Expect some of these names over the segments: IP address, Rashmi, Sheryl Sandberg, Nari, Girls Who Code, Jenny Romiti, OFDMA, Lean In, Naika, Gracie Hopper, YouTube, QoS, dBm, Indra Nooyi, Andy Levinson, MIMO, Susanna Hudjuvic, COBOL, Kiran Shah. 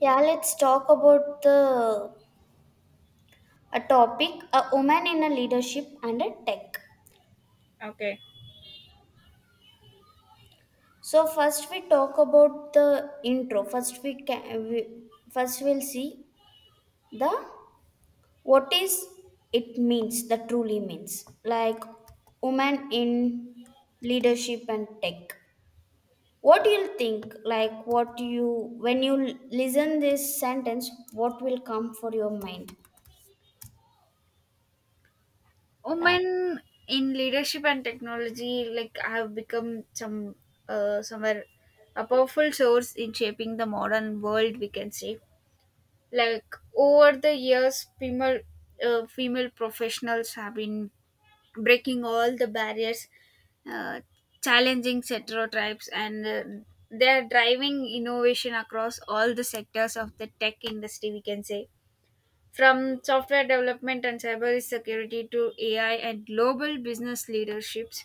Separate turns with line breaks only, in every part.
Yeah, let's talk about the a topic a woman in a leadership and a tech.
Okay.
So first we talk about the intro. First we'll see the what is it means the truly means like woman in leadership and tech. What do you think? Like what you when you listen this sentence, what will come for your mind? Like
Women in leadership and technology like have become somewhere a powerful source in shaping the modern world, we can say. Like over the years, female professionals have been breaking all the barriers, uh, challenging stereotypes, and they are driving innovation across all the sectors of the tech industry, we can say. From software development and cybersecurity to AI and global business leaderships,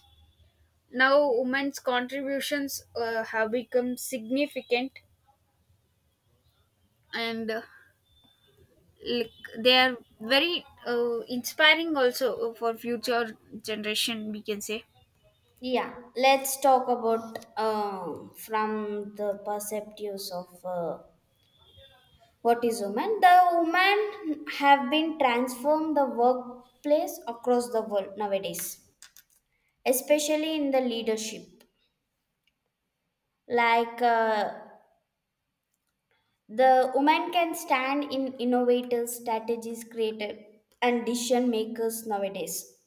now women's contributions have become significant, and like, they are very inspiring also for future generation, we can say.
yeah, let's talk about from the perspectives of what is woman. The women have been transformed the workplace across the world nowadays, especially in the leadership. Like the woman can stand in innovative strategies created and decision makers nowadays.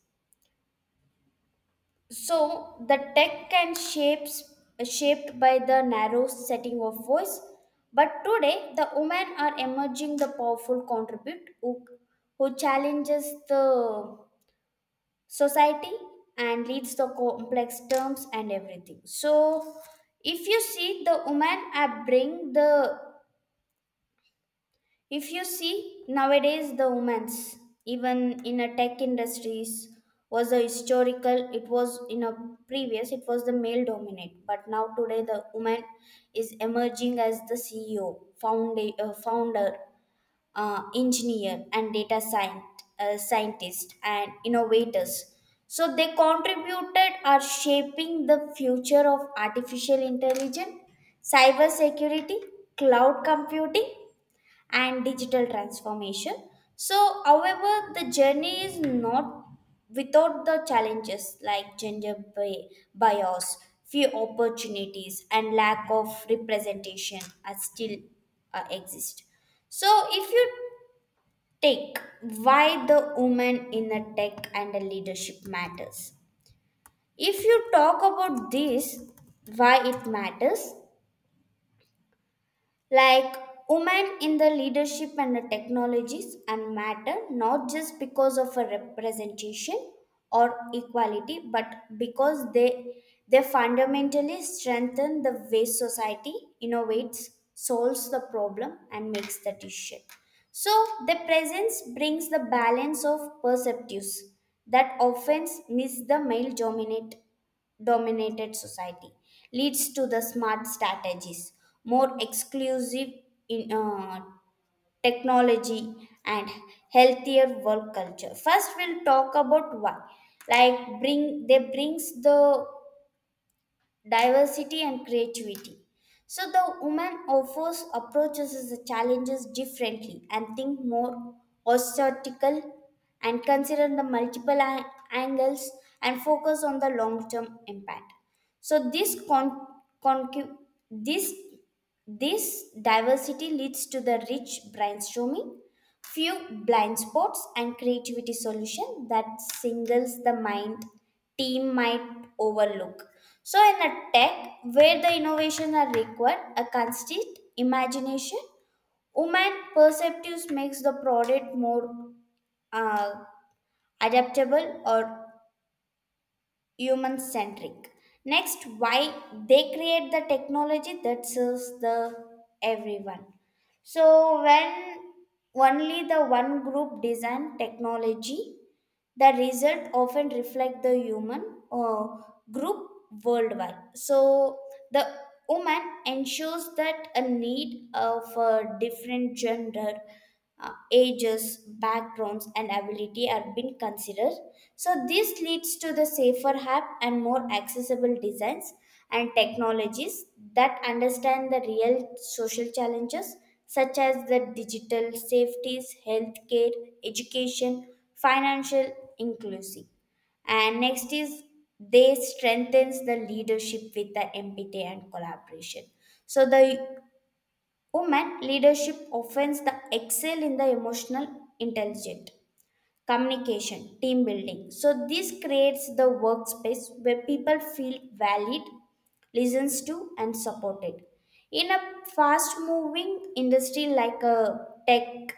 So the tech can shapes shaped by the narrow setting of voice, but today the women are emerging the powerful who challenges the society and leads the complex terms and everything. So if you see the women are bring the if you see, nowadays the women's, even in a tech industries, was a historical, it was in a previous, it was the male dominate. But now today the woman is emerging as the CEO, founder, engineer and data scientist and innovators. So they contributed are shaping the future of artificial intelligence, cybersecurity, cloud computing and digital transformation. So, however, the journey is not without the challenges like bias, few opportunities, and lack of representation are still exist. So, if you take why the women in the tech and the leadership matters, if you talk about this, why it matters, like women in the leadership and the technologies and matter not just because of a representation or equality but because they fundamentally strengthen the way society innovates solves the problem and makes the decision. So the presence brings the balance of perceptives that often miss the male dominant dominated society leads to the smart strategies more exclusive in technology and healthier work culture. First we'll talk about why like bring they brings the diversity and creativity. So the woman offers approaches the challenges differently and think more assertical and consider the multiple angles and focus on the long-term impact. So this con- concu- this this diversity leads to the rich brainstorming, few blind spots and creativity solution that singles the mind team might overlook. So in a tech where the innovations are required a constant imagination, human perceptives makes the product more uh, adaptable or human centric. Next, why they create the technology that serves the everyone. So when only the one group design technology, the result often reflect the human uh, group worldwide. So the woman ensures that a need of different gender, ages, backgrounds and ability are being considered. So this leads to the safer app and more accessible designs and technologies that understand the real social challenges such as the digital safeties, healthcare, education, financial inclusive. And next is they strengthens the leadership with the empathy and collaboration. So the woman leadership offends the excel in the emotional intelligence, communication, team building. So this creates the workspace where people feel valued, listens to and supported. In a fast moving industry like a tech,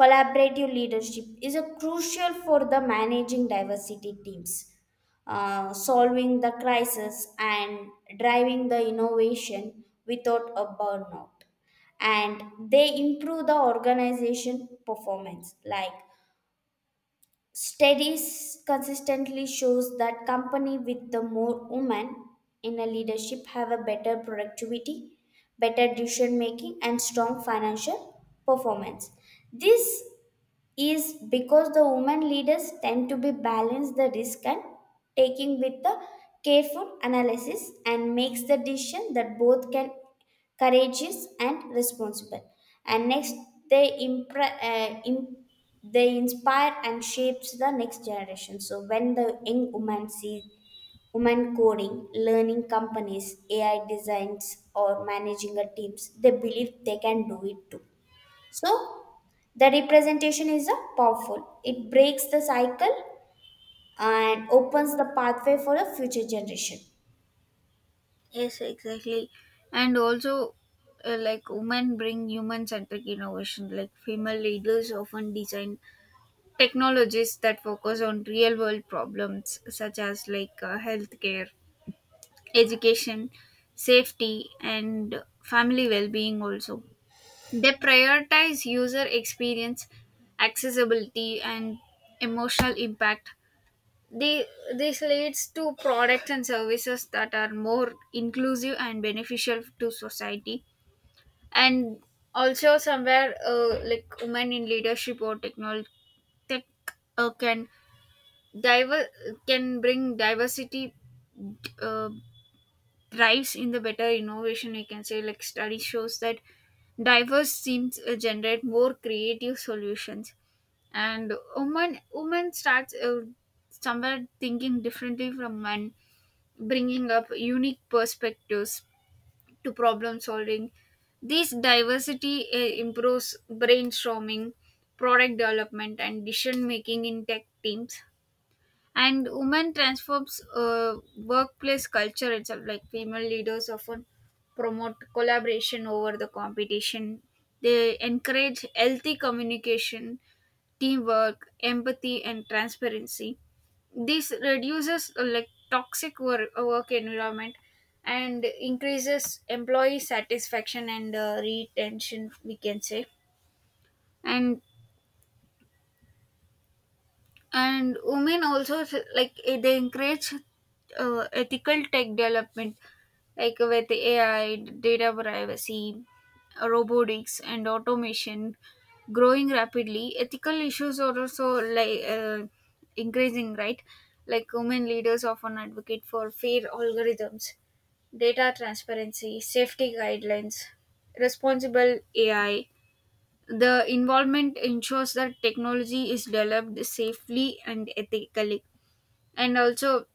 collaborative leadership is a crucial for the managing diversity teams, solving the crisis and driving the innovation without a burnout. And they improve the organization performance. Like studies consistently shows that company with the more women in a leadership have a better productivity, better decision making and strong financial performance. This is because the women leaders tend to be balance the risk and taking with the careful analysis and makes the decision that both can courageous and responsible. And next, they impre- uh, im- they inspire and shapes the next generation. So when the young woman see women coding, learning companies, ai designs or managing a teams, they believe they can do it too. So, the representation is a powerful. It breaks the cycle and opens the pathway for a future generation.
Yes, exactly. And also, like women bring human centric innovation. Like female leaders often design technologies that focus on real world problems such as, like healthcare, education, safety, and family well-being also. They prioritize user experience, accessibility, and emotional impact. they, this leads to products and services that are more inclusive and beneficial to society. And also somewhere, like women in leadership or technology tech can diver can bring diversity, uh, drives in the better innovation, you can say. Like study shows that diverse teams generate more creative solutions, and women starts, somewhere thinking differently from men, bringing up unique perspectives to problem solving. This diversity improves brainstorming, product development, and decision making in tech teams. And women transforms workplace culture itself. Like female leaders often promote collaboration over the competition. They encourage healthy communication, teamwork, empathy, and transparency. This reduces, like, toxic work environment, and increases employee satisfaction and retention, we can say. And and women also, like, they encourage ethical tech development. Like with AI, data privacy, robotics, and automation growing rapidly, ethical issues are also, like, increasing, right? Like women leaders often advocate for fair algorithms, data transparency, safety guidelines, responsible AI. The involvement ensures that technology is developed safely and ethically. And also,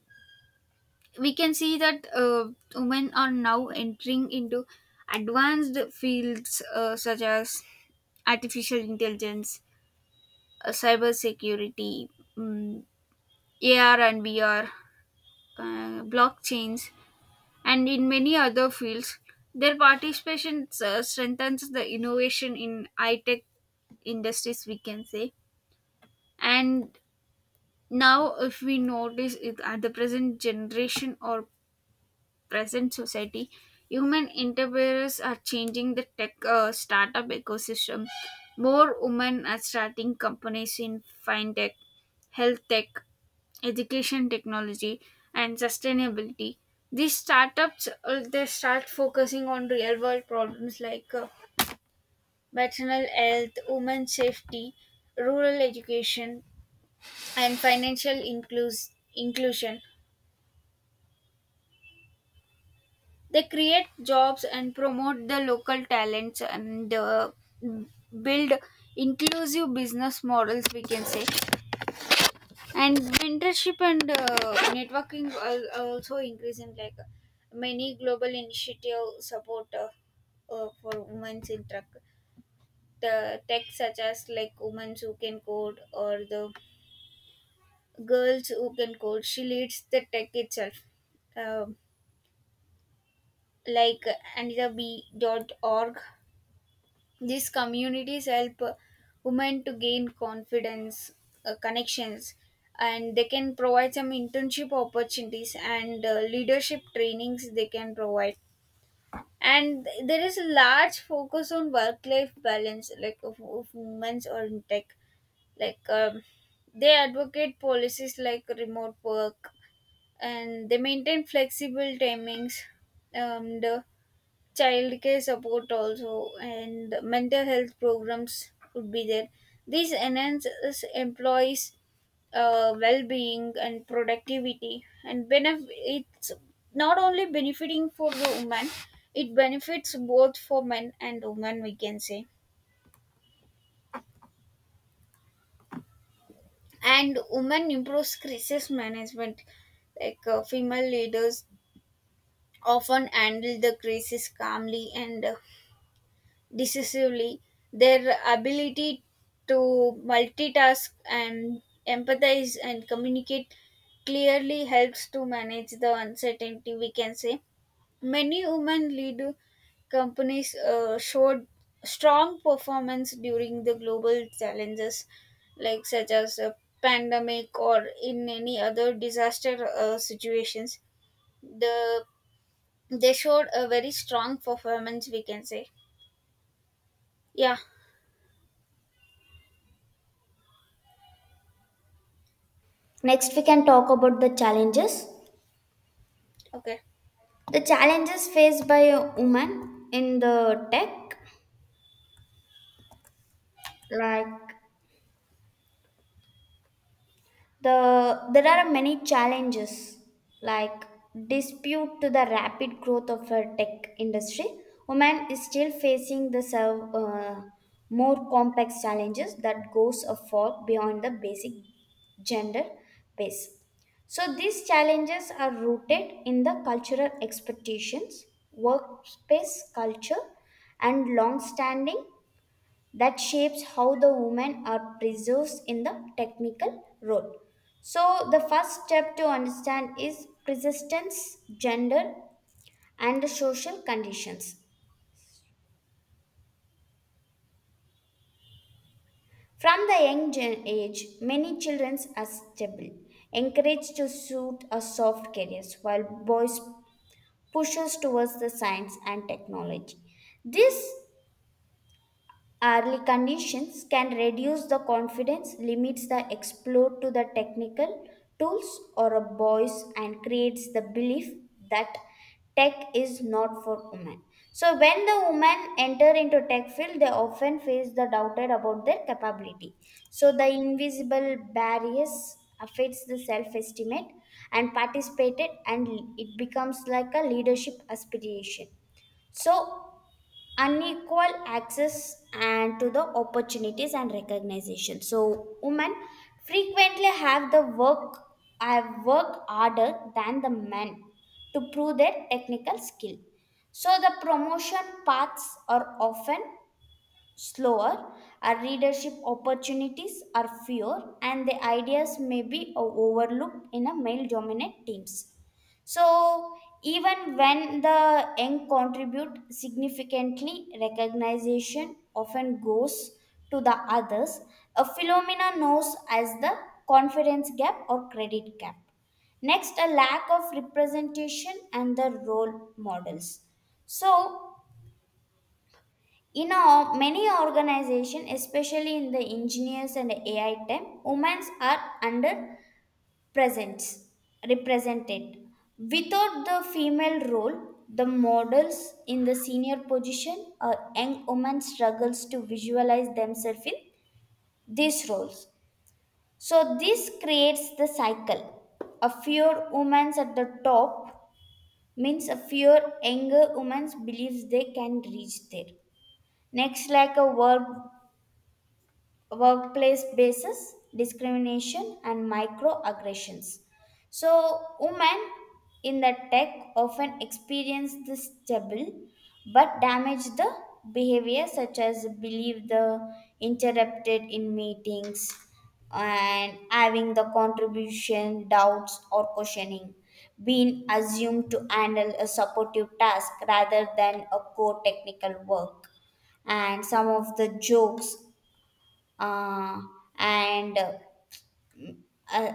we can see that women are now entering into advanced fields, such as artificial intelligence, cyber security, um, AR and VR, blockchains, and in many other fields. Their participation strengthens the innovation in high tech industries, we can say. And now if we notice it at the present generation or present society, human entrepreneurs are changing the tech startup ecosystem. More women are starting companies in fintech, health tech, education technology, and sustainability. These startups, they start focusing on real world problems, like, maternal health, women's safety, rural education, and financial inclusion. They create jobs and promote the local talents, and build inclusive business models, we can say. And mentorship and networking are also increasing, like many global initiative support for women in tech. The tech such as like women who can code, or the girls who can code, she leads the tech itself. Um like anitab.org. These communities help women to gain confidence, connections, and they can provide some internship opportunities and leadership trainings they can provide. And there is a large focus on work life balance, like of women's or in tech. Like, they advocate policies like remote work, and they maintain flexible timings, and childcare support also, and mental health programs would be there. This enhances employees well-being and productivity, and it's not only benefiting for the woman, it benefits both for men and women, we can say. And women improves crisis management. Like, female leaders often handle the crisis calmly and, decisively. Their ability to multitask and empathize and communicate clearly helps to manage the uncertainty, we can say. Many women lead companies showed strong performance during the global challenges, like such as a pandemic or in any other disaster situations. the they showed a very strong performance, we can say. Yeah.
Next, we can talk about the challenges.
Okay.
The challenges faced by a woman in the tech, like there are many challenges like dispute to the rapid growth of a tech industry, women is still facing the more complex challenges that goes a far beyond the basic gender base. So these challenges are rooted in the cultural expectations, workspace culture and long standing that shapes how the women are preserved in the technical role. So, the first step to understand is persistence, gender, and the social conditions. From the age, many children are stable, encouraged to suit a soft careers, while boys pushes towards the science and technology. This early conditions can reduce the confidence, limits the explore to the technical tools or a boys and creates the belief that tech is not for women. So when the women enter into tech field, they often face the doubted about their capability. So the invisible barriers affects the self-estimate and participated and it becomes like a leadership aspiration. So unequal access and to the opportunities and recognition. So women frequently have worked harder than the men to prove their technical skill. So the promotion paths are often slower, our readership opportunities are fewer, and the ideas may be overlooked in a male dominant teams. So, even when the young contribute significantly, recognition often goes to the others, a phenomena known as the confidence gap or credit gap. Next, a lack of representation and the role models. So, you know, many organizations, especially in the engineers and AI time, women are under presence represented. Without the female role, the models in the senior position, a young woman struggles to visualize themselves in these roles. So this creates the cycle. A fewer women at the top means a fewer younger women believes they can reach there. Next, like a workplace basis, discrimination, and microaggressions. So, women in the tech often experience this double but damage the behavior, such as believe the interrupted in meetings and having the contribution doubts or questioning, being assumed to handle a supportive task rather than a core technical work and some of the jokes uh, and uh,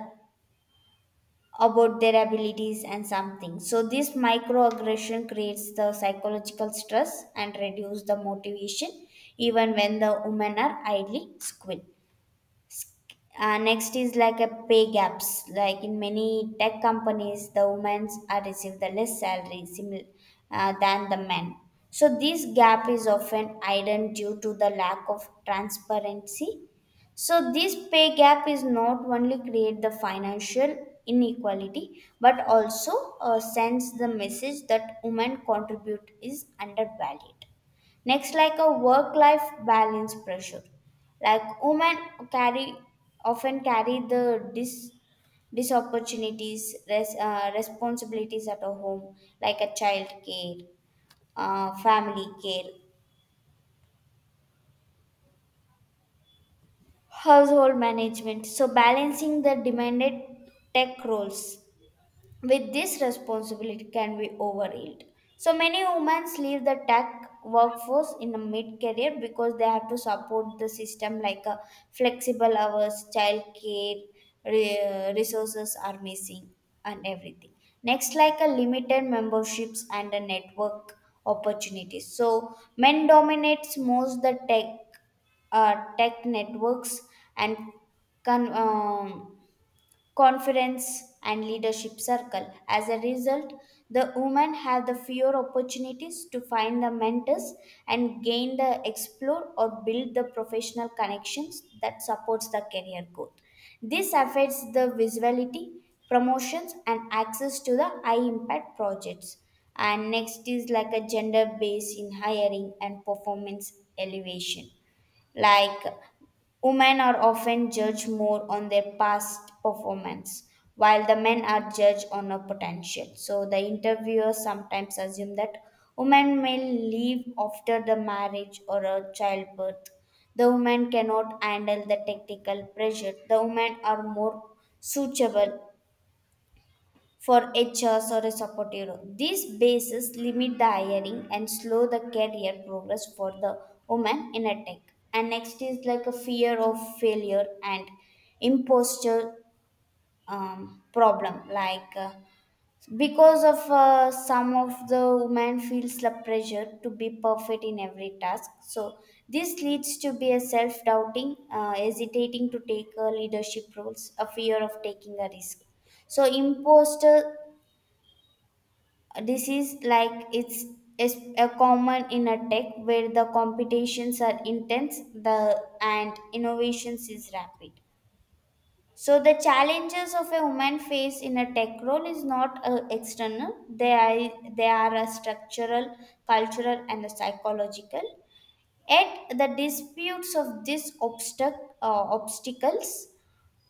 about their abilities and something. So this microaggression creates the psychological stress and reduce the motivation even when the women are idly squid. Next is like a pay gaps. Like in many tech companies, the women are receive the less salary similar than the men. So this gap is often hidden due to the lack of transparency. So this pay gap is not only create the financial inequality but also sends the message that women contribute is undervalued. Next, like a work-life balance pressure. Like women carry often carry the responsibilities at a home, like a child care, family care, household management. So balancing the demanded tech roles with this responsibility can be overwhelmed. So many women leave the tech workforce in a mid-career because they have to support the system like a flexible hours, childcare, resources are missing, and everything. Next, like a limited memberships and a network opportunities. So men dominates most the tech networks and con- um, confidence and leadership circle. As a result, the women have the fewer opportunities to find the mentors and gain the explore or build the professional connections that supports the career growth. This affects the visibility, promotions and access to the high impact projects. And next is like a gender base in hiring and performance elevation, like women are often judged more on their past performance, while the men are judged on a potential. So the interviewers sometimes assume that women may leave after the marriage or a childbirth. The women cannot handle the technical pressure. The women are more suitable for HRs or a supportive role. These bases limit the hiring and slow the career progress for the woman in a tech. And next is like a fear of failure and imposture problem. Like because of some of the woman feels the pressure to be perfect in every task. So this leads to be a self-doubting, hesitating to take leadership roles, a fear of taking a risk. So imposter this is like it's is a common in a tech where the competitions are intense, the and innovations is rapid. So the challenges of a woman face in a tech role is not external, they are a structural, cultural and a psychological. Yet the disputes of these obstacles,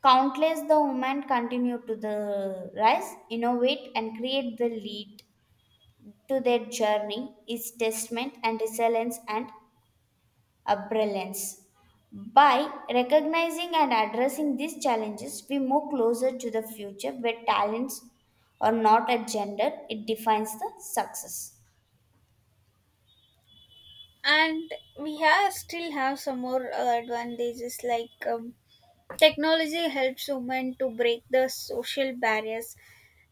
countless the women continue to the rise, innovate and create the lead to their journey is testament and resilience and abrilliance. By recognizing and addressing these challenges, we move closer to the future where talents are not a gender, it defines the success.
And we have still have some more advantages, like, technology helps women to break the social barriers.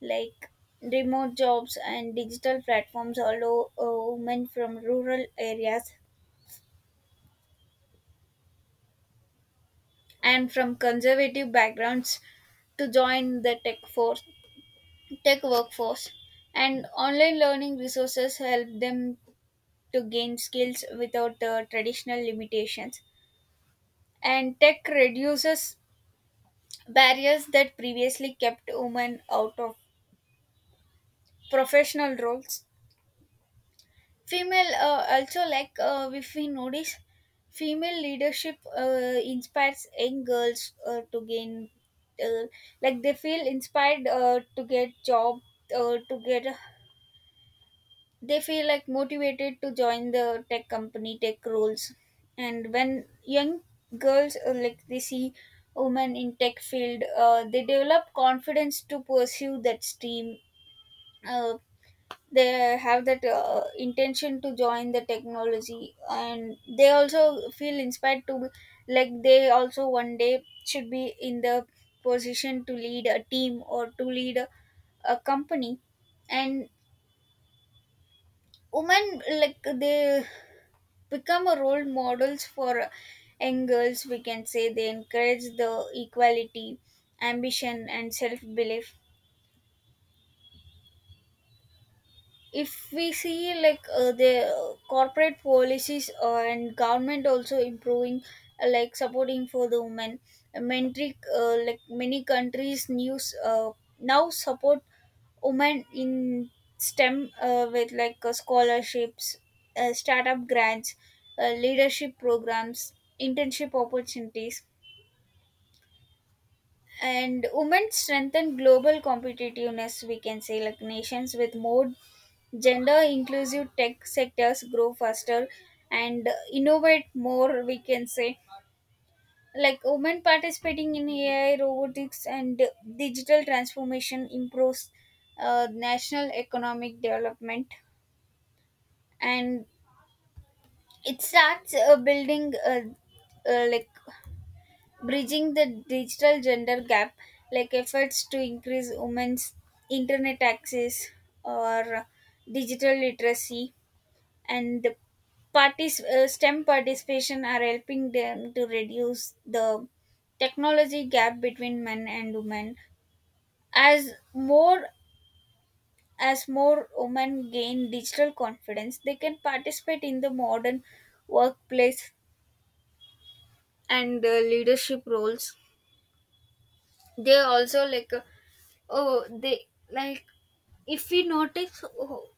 Like remote jobs and digital platforms allow women from rural areas and from conservative backgrounds to join the tech workforce. And online learning resources help them to gain skills without traditional limitations. And tech reduces barriers that previously kept women out of professional roles. Also, like, if we notice, female leadership inspires young girls, uh, like they feel inspired, to get job. uh, to get, they feel like motivated to join the tech company, tech roles. And when young girls, like, they see women in tech field, they develop confidence to pursue that stream. uh, they have that intention to join the technology, and they also feel inspired to be, like they also one day should be in the position to lead a team or to lead a company. And women, like, they become a role models for young girls, we can say. They encourage the equality, ambition, and self-belief. If we see, like, the corporate policies and government also improving, like, supporting for the women. Many like many countries news, now support women in STEM, with, like, scholarships, startup grants, leadership programs, internship opportunities. And women strengthen global competitiveness, we can say. Like nations with more gender inclusive tech sectors grow faster and innovate more, we can say. Like women participating in AI, robotics, and digital transformation improves national economic development. And it starts, building, like, bridging the digital gender gap. Like efforts to increase women's internet access or digital literacy, and the parties STEM participation are helping them to reduce the technology gap between men and women. As more as more women gain digital confidence, they can participate in the modern workplace and leadership roles. They also, like, oh they like if we notice, oh,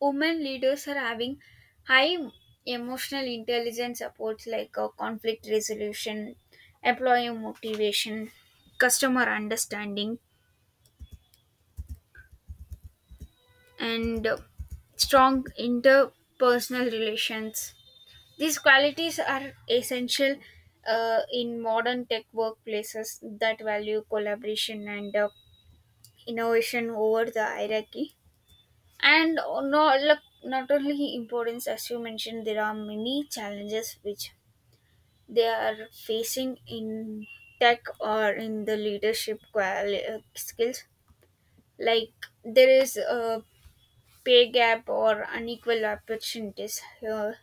women leaders are having high emotional intelligence supports, like, conflict resolution, employee motivation, customer understanding, and strong interpersonal relations. These qualities are essential in modern tech workplaces that value collaboration and innovation over the hierarchy. And, no, look, not only importance as you mentioned, there are many challenges which they are facing in tech or in the leadership skills. Like there is a pay gap or unequal opportunities here.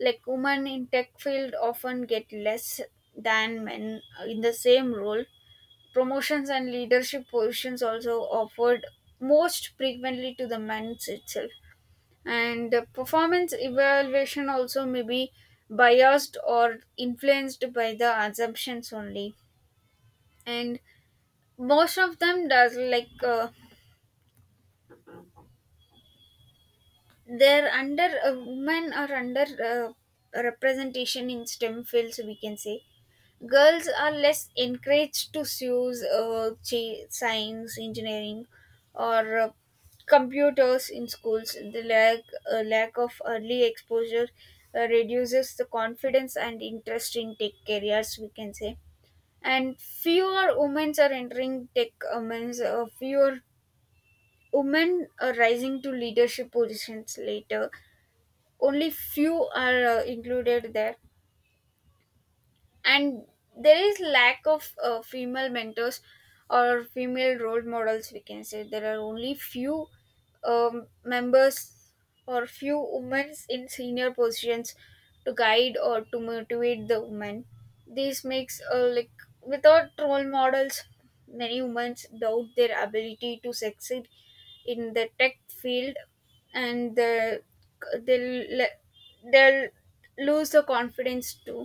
Like women in tech field often get less than men in the same role. Promotions and leadership positions also offered most frequently to the men itself. And the performance evaluation also may be biased or influenced by the assumptions only. And most of them does, like, they're under women are under representation in STEM fields, we can say. Girls are less encouraged to choose, science, engineering, or computers in schools. The lack of early exposure reduces the confidence and interest in tech careers, we can say. And fewer women are entering tech. Means, fewer women are rising to leadership positions later. Only few are included there. And there is lack of female mentors or female role models, we can say. There are only few, members, or few women in senior positions to guide or to motivate the women. This makes, like, without role models, many women doubt their ability to succeed in the tech field. And they'll lose the confidence too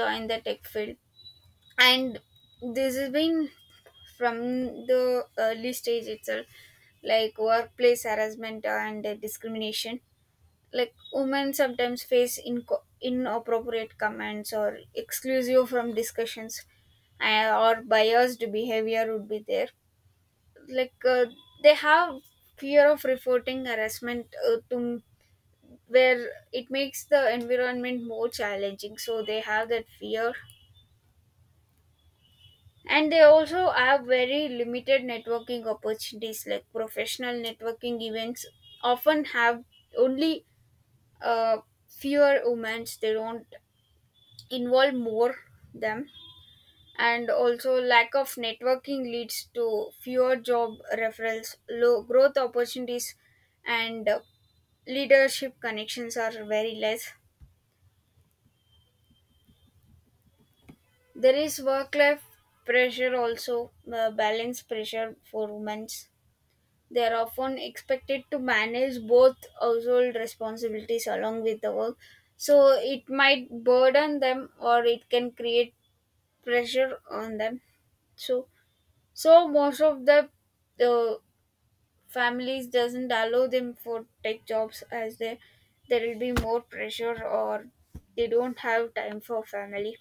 join the tech field. And this has been from the early stage itself. Like workplace harassment and discrimination. Like women sometimes face inappropriate comments, or exclusive from discussions, or biased behavior would be there. Like, they have fear of reporting harassment to where it makes the environment more challenging, so they have that fear. And they also have very limited networking opportunities. Like professional networking events often have only, uh, fewer women, they don't involve more them. And also lack of networking leads to fewer job referrals, low growth opportunities, and leadership connections are very less. There is work life pressure also, balance pressure for women. They are often expected to manage both household responsibilities along with the work, so it might burden them or it can create pressure on them. So, so most of the uh, families doesn't allow them for tech jobs, as there will be more pressure or they don't have time for family.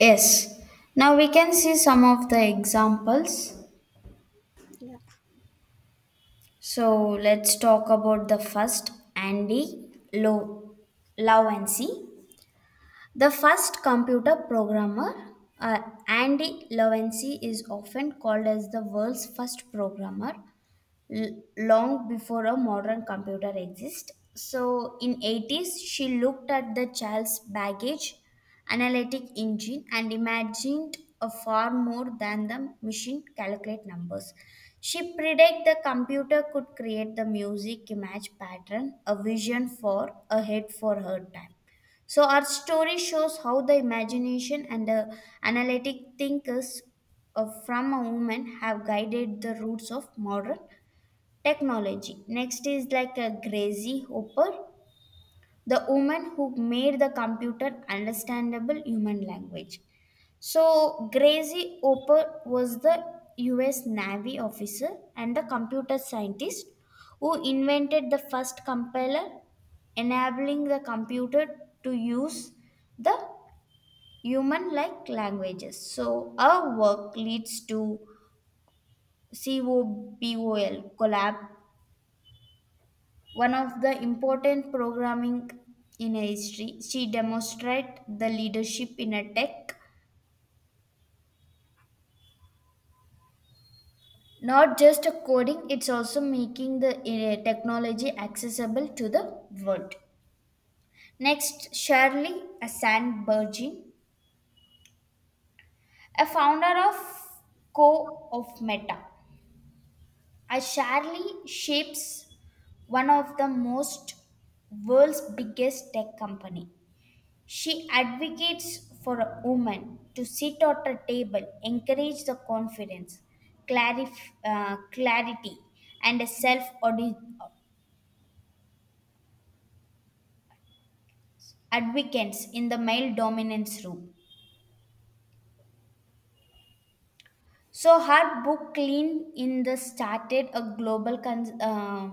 Yes, now we can see some of the examples.
Yeah.
So let's talk about the first Andy Low Lowency. The first computer programmer, uh, Andy Levinson, is often called as the world's first programmer long before a modern computer exists. So in 80s, she looked at the child's baggage, analytic engine, and imagined a far more than the machine calculate numbers. She predict the computer could create the music, image pattern, a vision for ahead for her time. So our story shows how the imagination and the analytic thinkers from a woman have guided the roots of modern technology. Next is like a Gracie Hopper, the woman who made the computer understandable human language. So, Gracie Hopper was the US Navy officer and the computer scientist who invented the first compiler, enabling the computer to use the human like languages. So, our work leads to COBOL, collab one of the important programming in history. She demonstrated the leadership in a tech, not just a coding, it's also making the technology accessible to the world. Next, Shirley Sandberg, a founder of Co of Meta. A Shirley shapes one of the most world's biggest tech company. She advocates for a woman to sit at a table, encourage the confidence, clarity, and self advocates in the male dominance room. So her book Clean in the started a global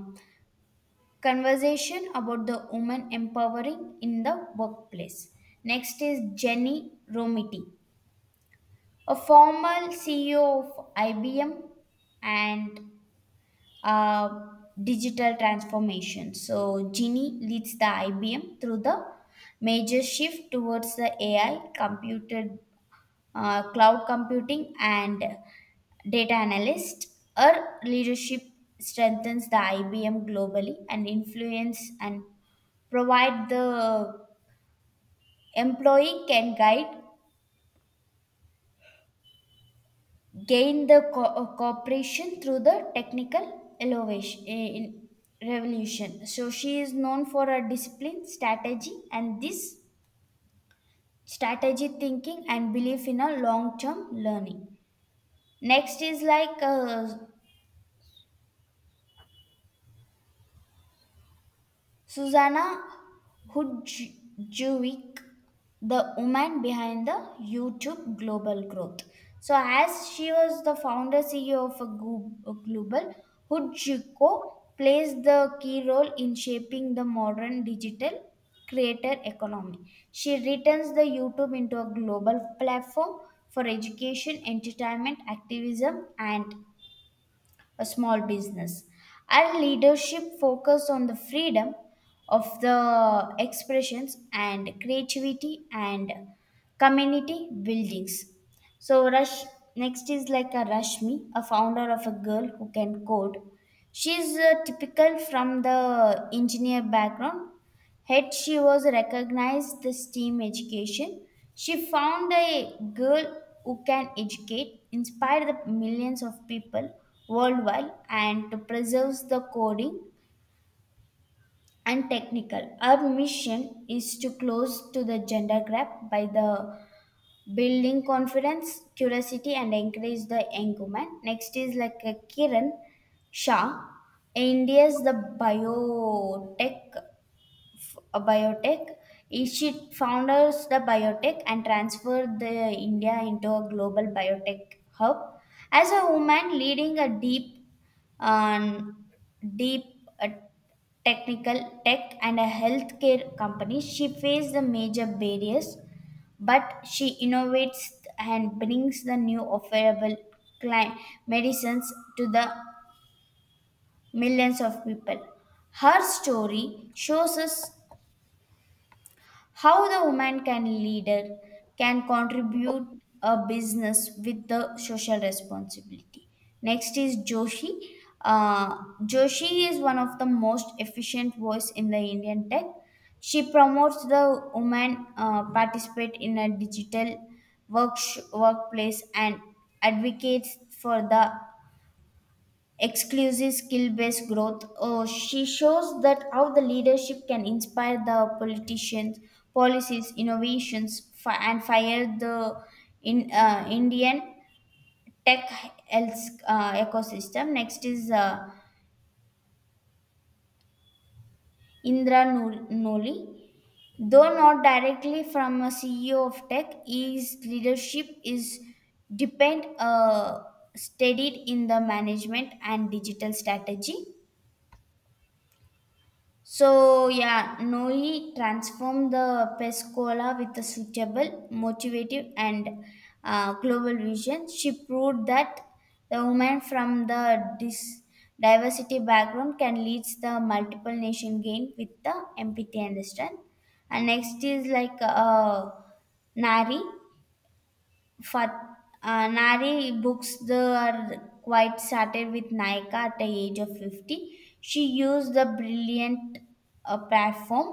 conversation about the woman empowering in the workplace. Next is Jenny Romiti, a former CEO of IBM and uh, digital transformation. So Genie leads the IBM through the major shift towards the AI, computer, cloud computing, and data analyst. Her leadership strengthens the IBM globally and influence and provide the employee can guide gained the cooperation through the technical elevation in revolution. So she is known for her discipline, strategy, and this strategy thinking and belief in a long-term learning. Next is like Susanna Hudjuvic, the woman behind the YouTube global growth. So, as she was the founder CEO of a global, Hudjuko plays the key role in shaping the modern digital creator economy. She returns the YouTube into a global platform for education, entertainment, activism, and a small business. Our leadership focused on the freedom of the expressions and creativity and community buildings. So Rush Next is like a Rashmi, a founder of a girl who can code. She's a typical from the engineer background. Yet she was recognized the STEAM education. She found a girl who can educate, inspire the millions of people worldwide, and preserves the coding and technical. Our mission is to close to the gender gap by the building confidence, curiosity, and encourage the young woman. Next is like a Kiran Shah, India's the biotech a biotech. She founders the biotech and transferred the India into a global biotech hub. As a woman leading a deep, um, deep uh, technical tech and a healthcare company, she faced the major barriers, but she innovates and brings the new affordable cli- medicines to the millions of people. Her story shows us how the woman can leader can contribute a business with the social responsibility. Next is joshi. uh, Joshi is one of the most efficient voice in the Indian tech. She promotes the woman participate in a digital work workplace and advocates for the exclusive skill-based growth. She shows that how the leadership can inspire the politicians, policies, innovations, and fire the in Indian tech health ecosystem. Next is Indra Noli. Though not directly from a CEO of tech, his leadership is depend steadied in the management and digital strategy. So yeah, Noe transformed the Pescola with a suitable, motivative, and global vision. She proved that the woman from the diversity background can lead the multiple nation gain with the empathy and strength. And next is like Nari. Fat, Nari books the are quite started with Naika at the age of 50. She used the brilliant platform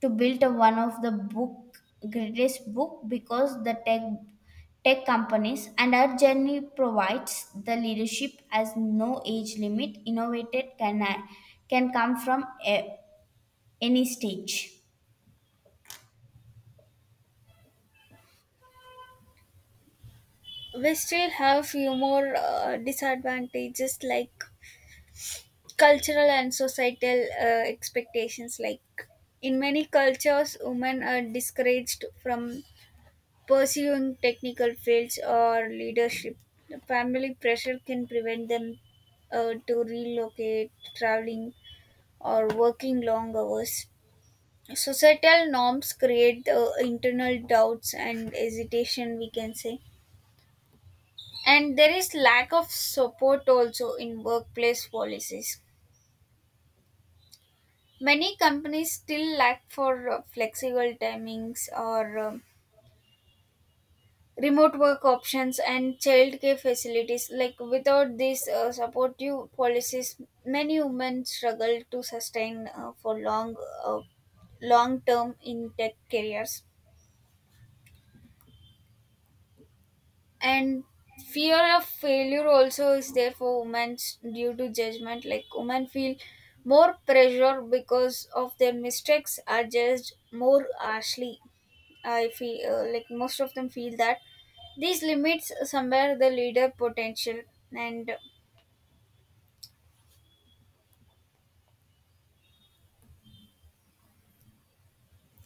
to build one of the book greatest book because the tech companies and our journey provides the leadership as no age limit innovated can come from a, any stage.
We still have few more disadvantages, like cultural and societal expectations. Like in many cultures women are discouraged from pursuing technical fields or leadership. Family pressure can prevent them, to relocate, traveling, or working long hours. Societal norms create the internal doubts and hesitation, we can say. And there is lack of support also in workplace policies. Many companies still lack for flexible timings, or remote work options, and childcare facilities. Like without these supportive policies, many women struggle to sustain, for uh, long term in tech careers. And fear of failure also is there for women due to judgment. Like women feel more pressure because of their mistakes are judged more harshly. I feel, like, most of them feel that these limits somewhere the leader potential. and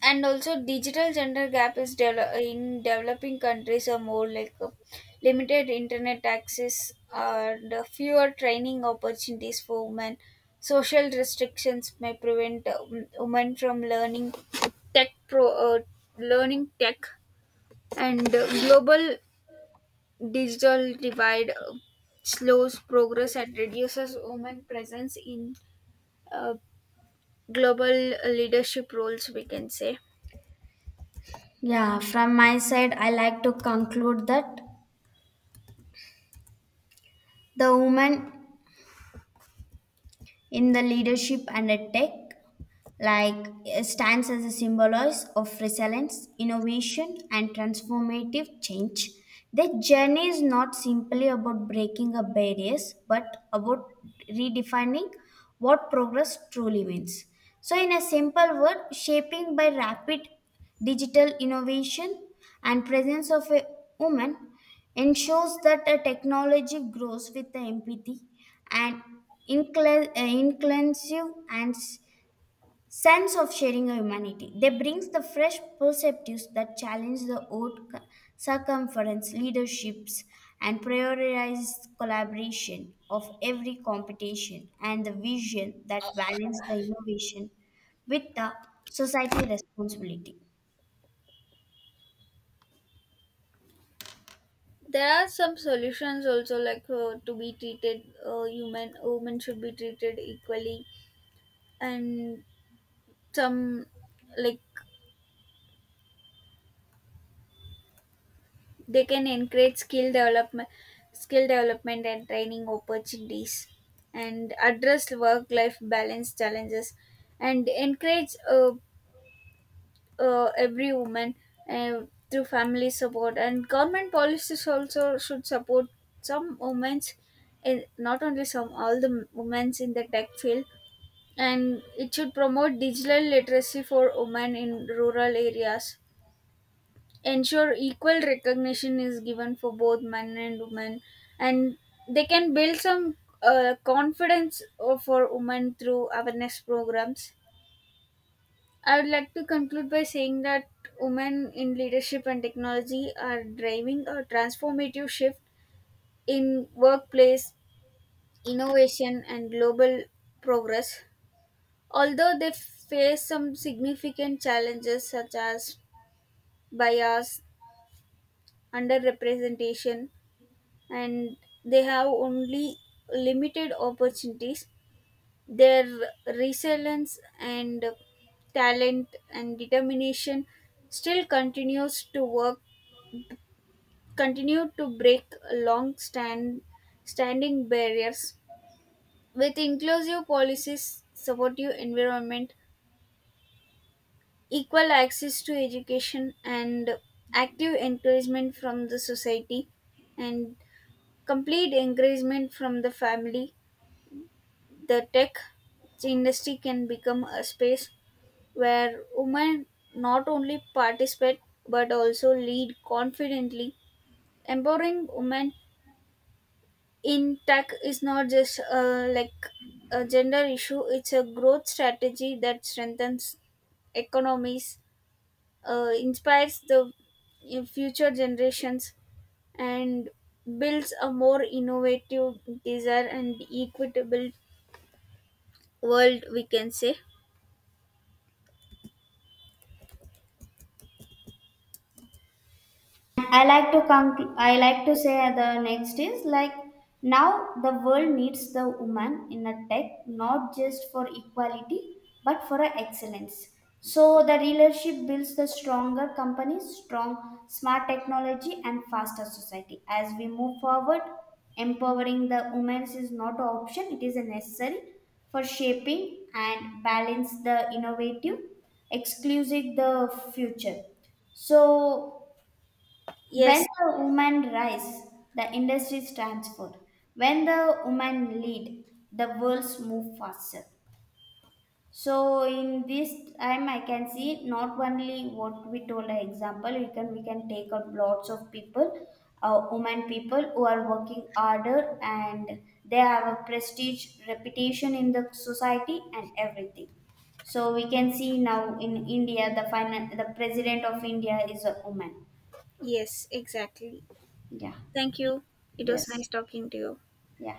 and also, digital gender gap is in developing countries are more, like, limited internet access and fewer training opportunities for women. Social restrictions may prevent, women from learning tech pro learning tech. And global digital divide slows progress and reduces women presence in uh, global leadership roles, we can say.
Yeah, from my side, I like to conclude that the woman in the leadership and ed tech like it stands as a symbolize of resilience, innovation, and transformative change. Their journey is not simply about breaking up barriers, but about redefining what progress truly means. So, in a simple word, shaping by rapid digital innovation and presence of a woman ensures that a technology grows with the empathy and inclusive and sense of sharing a humanity. They brings the fresh perspectives that challenge the old circumference leaderships and prioritize collaboration of every competition and the vision that balance the innovation with the society responsibility.
There are some solutions also, like, to be treated, human, women should be treated equally. And some, like, they can encourage skill development and training opportunities. And address work life balance challenges, and encourage every woman uh, through family support. And government policies also should support some women's, in not only some, all the women's in the tech field. And it should promote digital literacy for women in rural areas. Ensure equal recognition is given for both men and women. And they can build some confidence for women through awareness programs. I would like to conclude by saying that women in leadership and technology are driving a transformative shift in workplace, innovation, and global progress. Although they face some significant challenges such as bias, underrepresentation, and they have only limited opportunities, their resilience and talent and determination still continue to break long standing barriers. With inclusive policies, supportive environment, equal access to education, and active encouragement from the society, and complete encouragement from the family, the tech industry can become a space where women not only participate but also lead confidently. Empowering women in tech is not just, like, a gender issue, it's a growth strategy that strengthens economies, inspires the future generations, and builds a more innovative, desire, and equitable world, we can say.
I like to say the next is like now the world needs the woman in a tech not just for equality but for a excellence. So the leadership builds the stronger companies, strong smart technology and faster society. As we move forward, empowering the women is not an option; it is a necessary for shaping and balance the innovative, exclusive the future. So when
Yes.
the women rise, the industries transfer. When the women lead, the worlds move faster. So in this time, I can see not only what we told an example. We can take out lots of people, women people who are working harder and they have a prestige, reputation in the society and everything. So we can see now in India, the final the president of India is a woman.
Yes, exactly.
Yeah.
Thank you. It was
Yes.
nice talking to you.
Yeah.